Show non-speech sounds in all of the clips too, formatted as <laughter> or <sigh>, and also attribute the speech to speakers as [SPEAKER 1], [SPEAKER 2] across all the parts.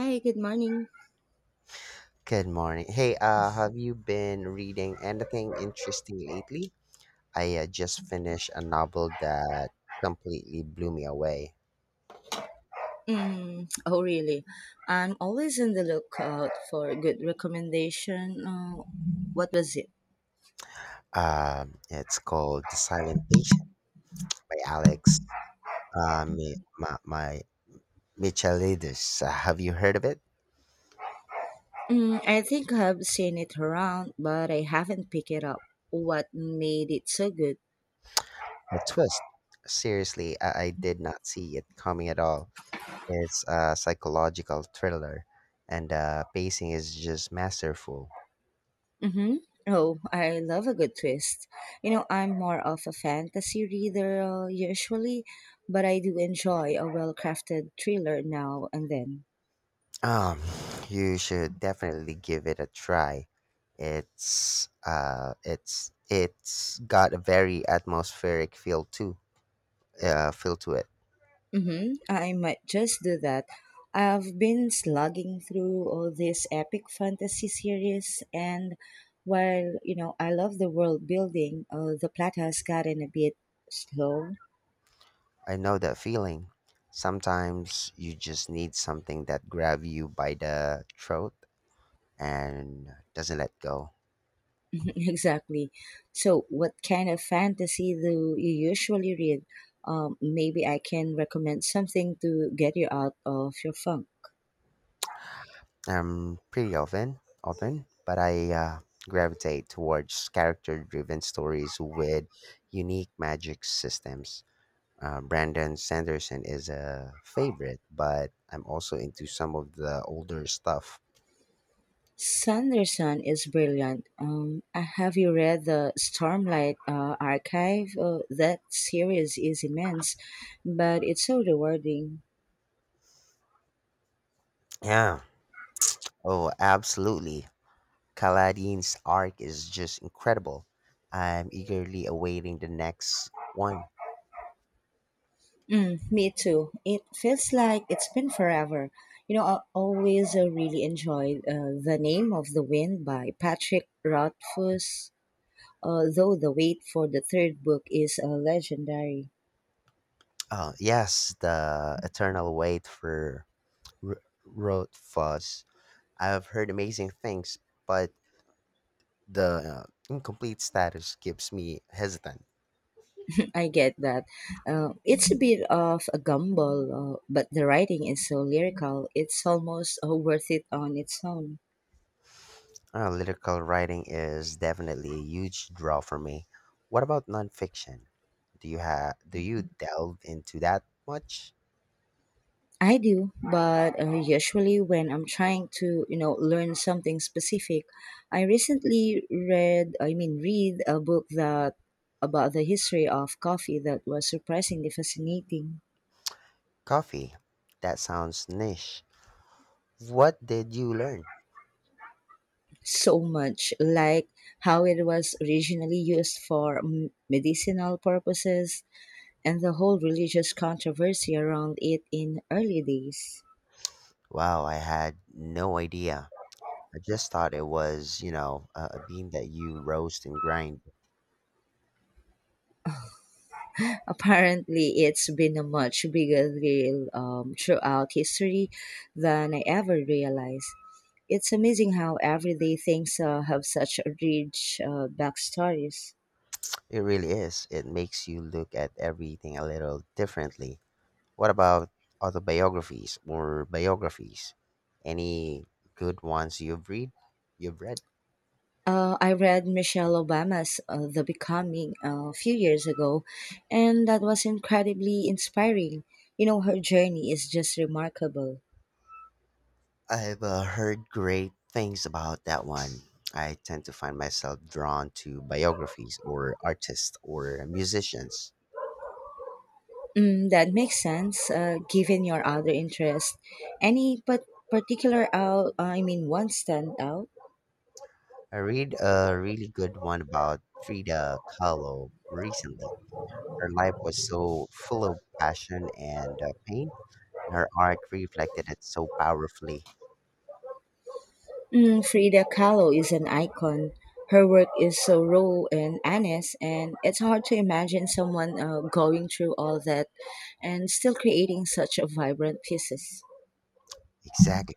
[SPEAKER 1] Hi, good morning.
[SPEAKER 2] Good morning. Hey, have you been reading anything interesting lately? I just finished a novel that completely blew me away.
[SPEAKER 1] Mm, oh, really? I'm always on the lookout for a good recommendation. What was it?
[SPEAKER 2] It's called The Silent Patient by Alex Mi- Ma- my Michaelidis. Have you heard of it?
[SPEAKER 1] Mm, I think I've seen it around, but I haven't picked it up. What made it so good?
[SPEAKER 2] The twist. Seriously, I did not see it coming at all. It's a psychological thriller, and pacing is just masterful.
[SPEAKER 1] Mm-hmm. Oh, I love a good twist. You know, I'm more of a fantasy reader usually, but I do enjoy a well crafted thriller now and then.
[SPEAKER 2] Um, you should definitely give it a try. It's got a very atmospheric feel too. Feel to it.
[SPEAKER 1] Mm-hmm. I might just do that. I've been slugging through all these epic fantasy series, and while you know I love the world building, the plot has gotten a bit slow.
[SPEAKER 2] I know that feeling. Sometimes you just need something that grab you by the throat and doesn't let go.
[SPEAKER 1] <laughs> Exactly. So, what kind of fantasy do you usually read? Maybe I can recommend something to get you out of your funk.
[SPEAKER 2] Pretty often, but I gravitate towards character-driven stories with unique magic systems. Brandon Sanderson is a favorite, but I'm also into some of the older stuff.
[SPEAKER 1] Sanderson is brilliant. Have you read the Stormlight Archive? That series is immense, but it's so rewarding.
[SPEAKER 2] Yeah. Oh, absolutely. Kaladin's arc is just incredible. I'm eagerly awaiting the next one.
[SPEAKER 1] Mm, me too. It feels like it's been forever. You know, I always really enjoyed The Name of the Wind by Patrick Rothfuss, though the wait for the third book is legendary.
[SPEAKER 2] Oh, yes, the eternal wait for R- Road. I've heard amazing things, but the incomplete status keeps me hesitant.
[SPEAKER 1] I get that. It's a bit of a gamble, but the writing is so lyrical, it's almost worth it on its own.
[SPEAKER 2] Lyrical writing is definitely a huge draw for me. What about nonfiction? Do you delve into that much?
[SPEAKER 1] I do, but usually when I'm trying to, you know, learn something specific, I recently read a book that about the history of coffee that was surprisingly fascinating.
[SPEAKER 2] Coffee. That sounds niche. What did you learn?
[SPEAKER 1] So much like how it was originally used for medicinal purposes and the whole religious controversy around it in early days.
[SPEAKER 2] Wow, I had no idea. I just thought it was, you know, a bean that you roast and grind.
[SPEAKER 1] <laughs> Apparently, it's been a much bigger deal throughout history than I ever realized. It's amazing how everyday things have such rich backstories.
[SPEAKER 2] It really is. It makes you look at everything a little differently. What about autobiographies or biographies? Any good ones you've read?
[SPEAKER 1] I read Michelle Obama's The Becoming a few years ago, and that was incredibly inspiring. You know, her journey is just remarkable.
[SPEAKER 2] I've heard great things about that one. I tend to find myself drawn to biographies or artists or musicians.
[SPEAKER 1] Mm, that makes sense, given your other interests. Any but particular out, I mean, one stand out?
[SPEAKER 2] I read a really good one about Frida Kahlo recently. Her life was so full of passion and pain, and her art reflected it so powerfully.
[SPEAKER 1] Mm, Frida Kahlo is an icon. Her work is so raw and honest, and it's hard to imagine someone going through all that and still creating such a vibrant pieces.
[SPEAKER 2] Exactly.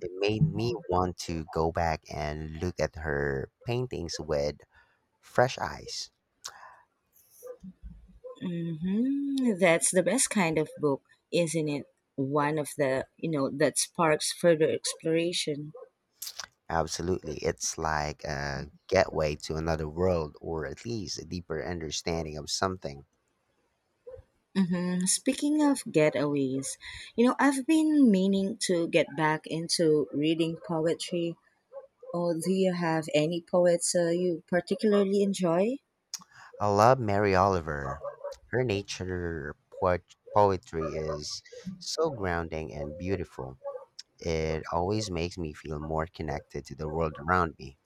[SPEAKER 2] It made me want to go back and look at her paintings with fresh eyes.
[SPEAKER 1] Mm-hmm. That's the best kind of book, isn't it? One of the, you know, that sparks further exploration.
[SPEAKER 2] Absolutely. It's like a gateway to another world, or at least a deeper understanding of something.
[SPEAKER 1] Hmm. Speaking of getaways, you know, I've been meaning to get back into reading poetry. Oh, do you have any poets you particularly enjoy?
[SPEAKER 2] I love Mary Oliver. Her poetry is so grounding and beautiful. It always makes me feel more connected to the world around me.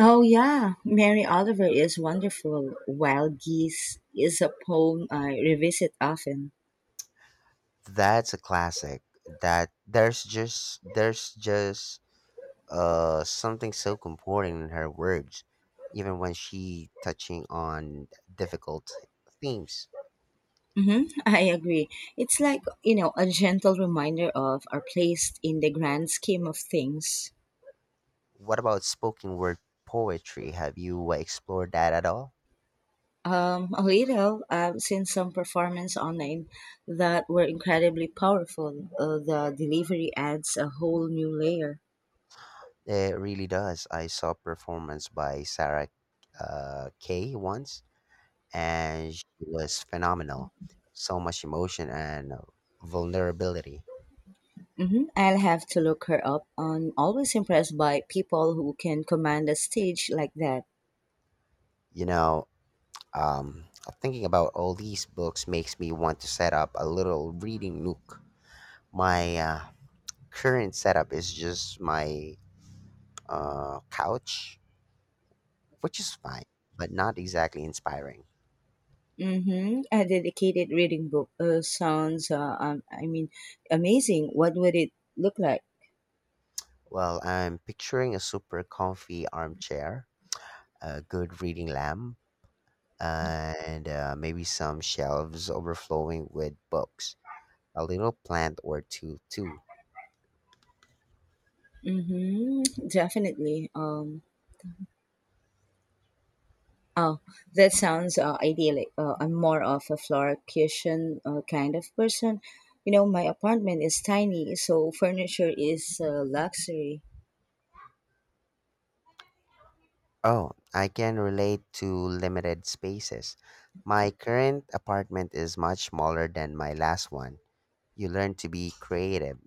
[SPEAKER 1] Oh, yeah. Mary Oliver is wonderful. Wild Geese is a poem I revisit often.
[SPEAKER 2] That's a classic. That there's just something so comforting in her words, even when she touching on difficult themes.
[SPEAKER 1] Hmm. <laughs> I agree. It's like, you know, a gentle reminder of our place in the grand scheme of things.
[SPEAKER 2] What about spoken word poetry? Have you explored that at all?
[SPEAKER 1] A little. I've seen some performance online that were incredibly powerful. The delivery adds a whole new layer.
[SPEAKER 2] It really does. I saw performance by Sarah Kay once, and she was phenomenal. So much emotion and vulnerability.
[SPEAKER 1] Hmm. I'll have to look her up. I'm always impressed by people who can command a stage like that.
[SPEAKER 2] You know, um, thinking about all these books makes me want to set up a little reading nook. My current setup is just my couch, which is fine, but not exactly inspiring.
[SPEAKER 1] Mm-hmm. A dedicated reading book sounds amazing. What would it look like?
[SPEAKER 2] Well, I'm picturing a super comfy armchair, a good reading lamp, and maybe some shelves overflowing with books, a little plant or two, too.
[SPEAKER 1] Mm-hmm. Definitely. Oh, that sounds idyllic. I'm more of a Florida kind of person. You know, my apartment is tiny, so furniture is a luxury.
[SPEAKER 2] Oh, I can relate to limited spaces. My current apartment is much smaller than my last one. You learn to be creative.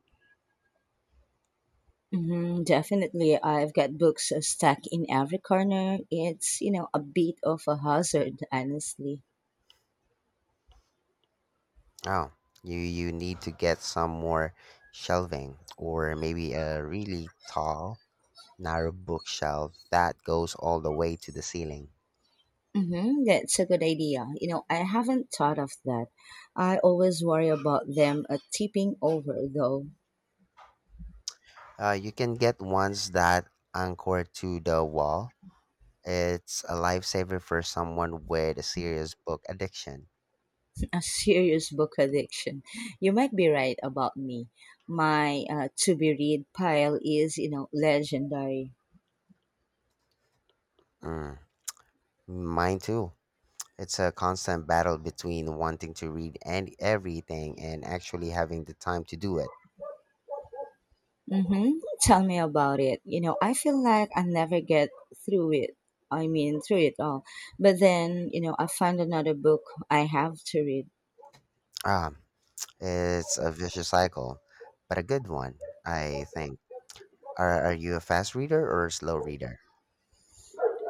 [SPEAKER 1] Hmm, definitely, I've got books stacked in every corner. It's, you know, a bit of a hazard, honestly.
[SPEAKER 2] Oh, you need to get some more shelving or maybe a really tall, narrow bookshelf that goes all the way to the ceiling.
[SPEAKER 1] Mm-hmm, that's a good idea. You know, I haven't thought of that. I always worry about them tipping over, though.
[SPEAKER 2] You can get ones that anchor to the wall. It's a lifesaver for someone with a serious book addiction.
[SPEAKER 1] A serious book addiction. You might be right about me. My to be read pile is, you know, legendary.
[SPEAKER 2] Mm, mine too. It's a constant battle between wanting to read and everything and actually having the time to do it.
[SPEAKER 1] Hmm. Tell me about it. You know, I feel like I never get through it. through it all. But then, you know, I find another book I have to read.
[SPEAKER 2] Ah, it's a vicious cycle, but a good one, I think. Are you a fast reader or a slow reader?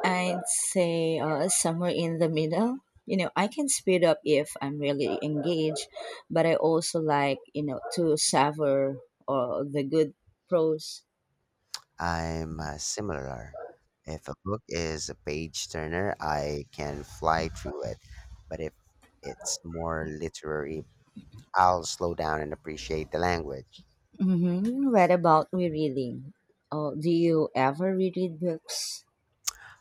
[SPEAKER 1] I'd say somewhere in the middle. You know, I can speed up if I'm really engaged, but I also like, you know, to savor the good prose.
[SPEAKER 2] I'm similar. If a book is a page turner, I can fly through it. But if it's more literary, I'll slow down and appreciate the language.
[SPEAKER 1] Mm-hmm. What about rereading? Oh, do you ever reread books?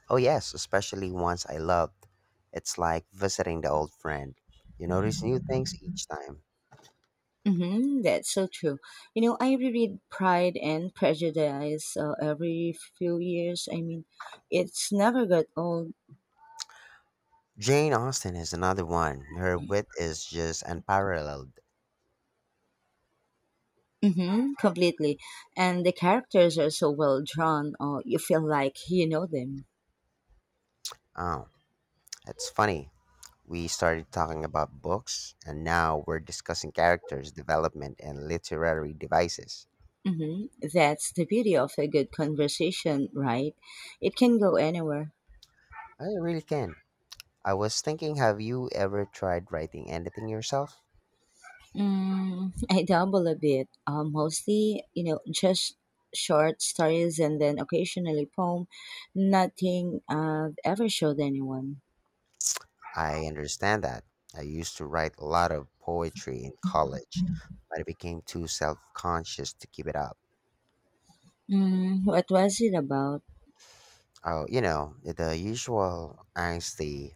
[SPEAKER 2] Oh, yes, especially ones I loved. It's like visiting the old friend. You notice new things each time.
[SPEAKER 1] Mm-hmm. That's so true. You know, I reread Pride and Prejudice every few years. It's never got old.
[SPEAKER 2] Jane Austen is another one. Her wit is just unparalleled.
[SPEAKER 1] Mm-hmm. Completely. And the characters are so well drawn, you feel like you know them.
[SPEAKER 2] Oh, it's funny. We started talking about books, and now we're discussing characters' development and literary devices.
[SPEAKER 1] Mm-hmm. That's the beauty of a good conversation, right? It can go anywhere.
[SPEAKER 2] I really can. I was thinking, have you ever tried writing anything yourself?
[SPEAKER 1] Mm, I dabble a bit. Mostly, you know, just short stories and then occasionally poem. Nothing I've ever showed anyone.
[SPEAKER 2] I understand that. I used to write a lot of poetry in college, but I became too self conscious to keep it up.
[SPEAKER 1] Mm, what was it about?
[SPEAKER 2] Oh, you know, the usual angsty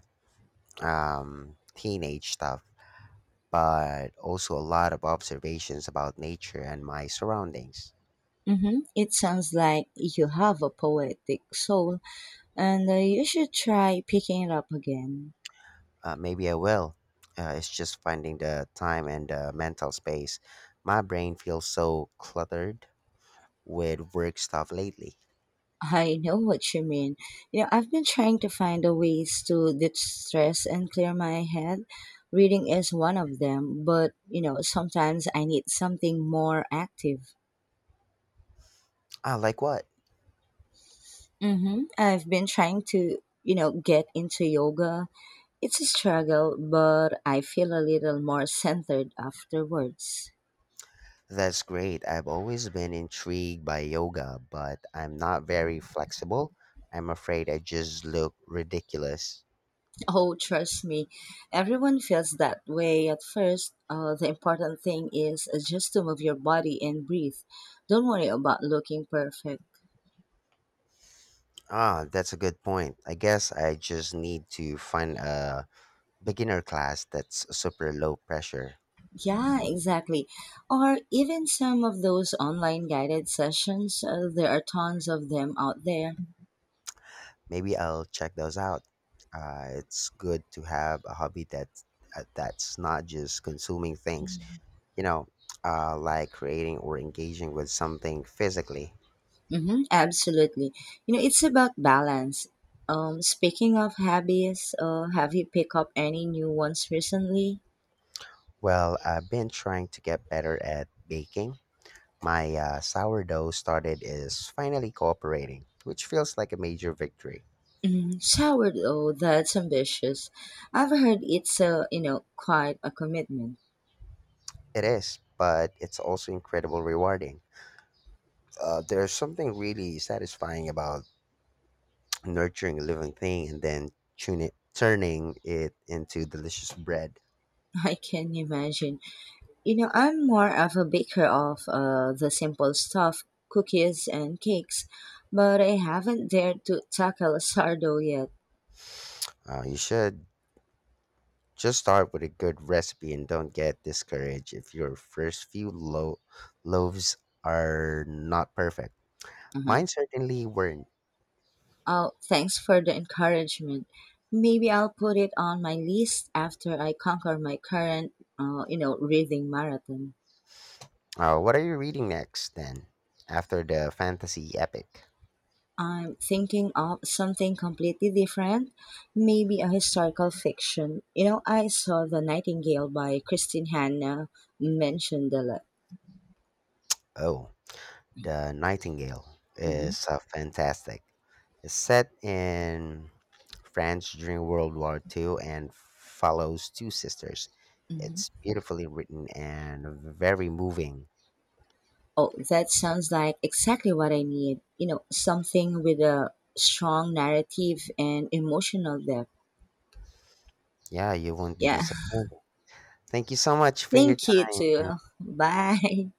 [SPEAKER 2] teenage stuff, but also a lot of observations about nature and my surroundings.
[SPEAKER 1] Mm-hmm. It sounds like you have a poetic soul, and you should try picking it up again.
[SPEAKER 2] Maybe I will. It's just finding the time and the mental space. My brain feels so cluttered with work stuff lately.
[SPEAKER 1] I know what you mean. You know, I've been trying to find a ways to de-stress and clear my head. Reading is one of them, but you know, sometimes I need something more active.
[SPEAKER 2] Ah, like what?
[SPEAKER 1] Mm-hmm. I've been trying to, you know, get into yoga. It's a struggle, but I feel a little more centered afterwards.
[SPEAKER 2] That's great. I've always been intrigued by yoga, but I'm not very flexible. I'm afraid I just look ridiculous.
[SPEAKER 1] Oh, trust me, everyone feels that way at first. The important thing is just to move your body and breathe. Don't worry about looking perfect.
[SPEAKER 2] Ah, that's a good point. I guess I just need to find a beginner class that's super low pressure.
[SPEAKER 1] Yeah, exactly. Or even some of those online guided sessions, there are tons of them out there.
[SPEAKER 2] Maybe I'll check those out. It's good to have a hobby that that's not just consuming things, you know, like creating or engaging with something physically.
[SPEAKER 1] Mm-hmm, absolutely. You know, it's about balance. Speaking of hobbies, have you picked up any new ones recently?
[SPEAKER 2] Well, I've been trying to get better at baking. My sourdough started is finally cooperating, which feels like a major victory.
[SPEAKER 1] Mm, sourdough, that's ambitious. I've heard it's, a, you know, quite a commitment.
[SPEAKER 2] It is, but it's also incredibly rewarding. There's something really satisfying about nurturing a living thing and then turning it into delicious bread.
[SPEAKER 1] <laughs> I can imagine. You know, I'm more of a baker of the simple stuff, cookies and cakes, but I haven't dared to tackle sourdough yet.
[SPEAKER 2] You should just start with a good recipe and don't get discouraged if your first few loaves are not perfect.
[SPEAKER 1] Uh-huh.
[SPEAKER 2] Mine certainly weren't.
[SPEAKER 1] Oh, thanks for the encouragement. Maybe I'll put it on my list after I conquer my current, you know, reading marathon.
[SPEAKER 2] Oh, what are you reading next then? After the fantasy epic?
[SPEAKER 1] I'm thinking of something completely different, maybe a historical fiction. You know, I saw The Nightingale by Christine Hanna mentioned a lot.
[SPEAKER 2] Oh, The Nightingale
[SPEAKER 1] Hmm.
[SPEAKER 2] is fantastic. It's set in France during World War II and follows two sisters.
[SPEAKER 1] Hmm.
[SPEAKER 2] It's beautifully written and very moving.
[SPEAKER 1] Oh, that sounds like exactly what I need. You know, something with a strong narrative and emotional depth.
[SPEAKER 2] Yeah, you won't be
[SPEAKER 1] Yeah.
[SPEAKER 2] disappointed. Thank you so much
[SPEAKER 1] <laughs>
[SPEAKER 2] for your
[SPEAKER 1] Thank you too.
[SPEAKER 2] time.
[SPEAKER 1] Bye.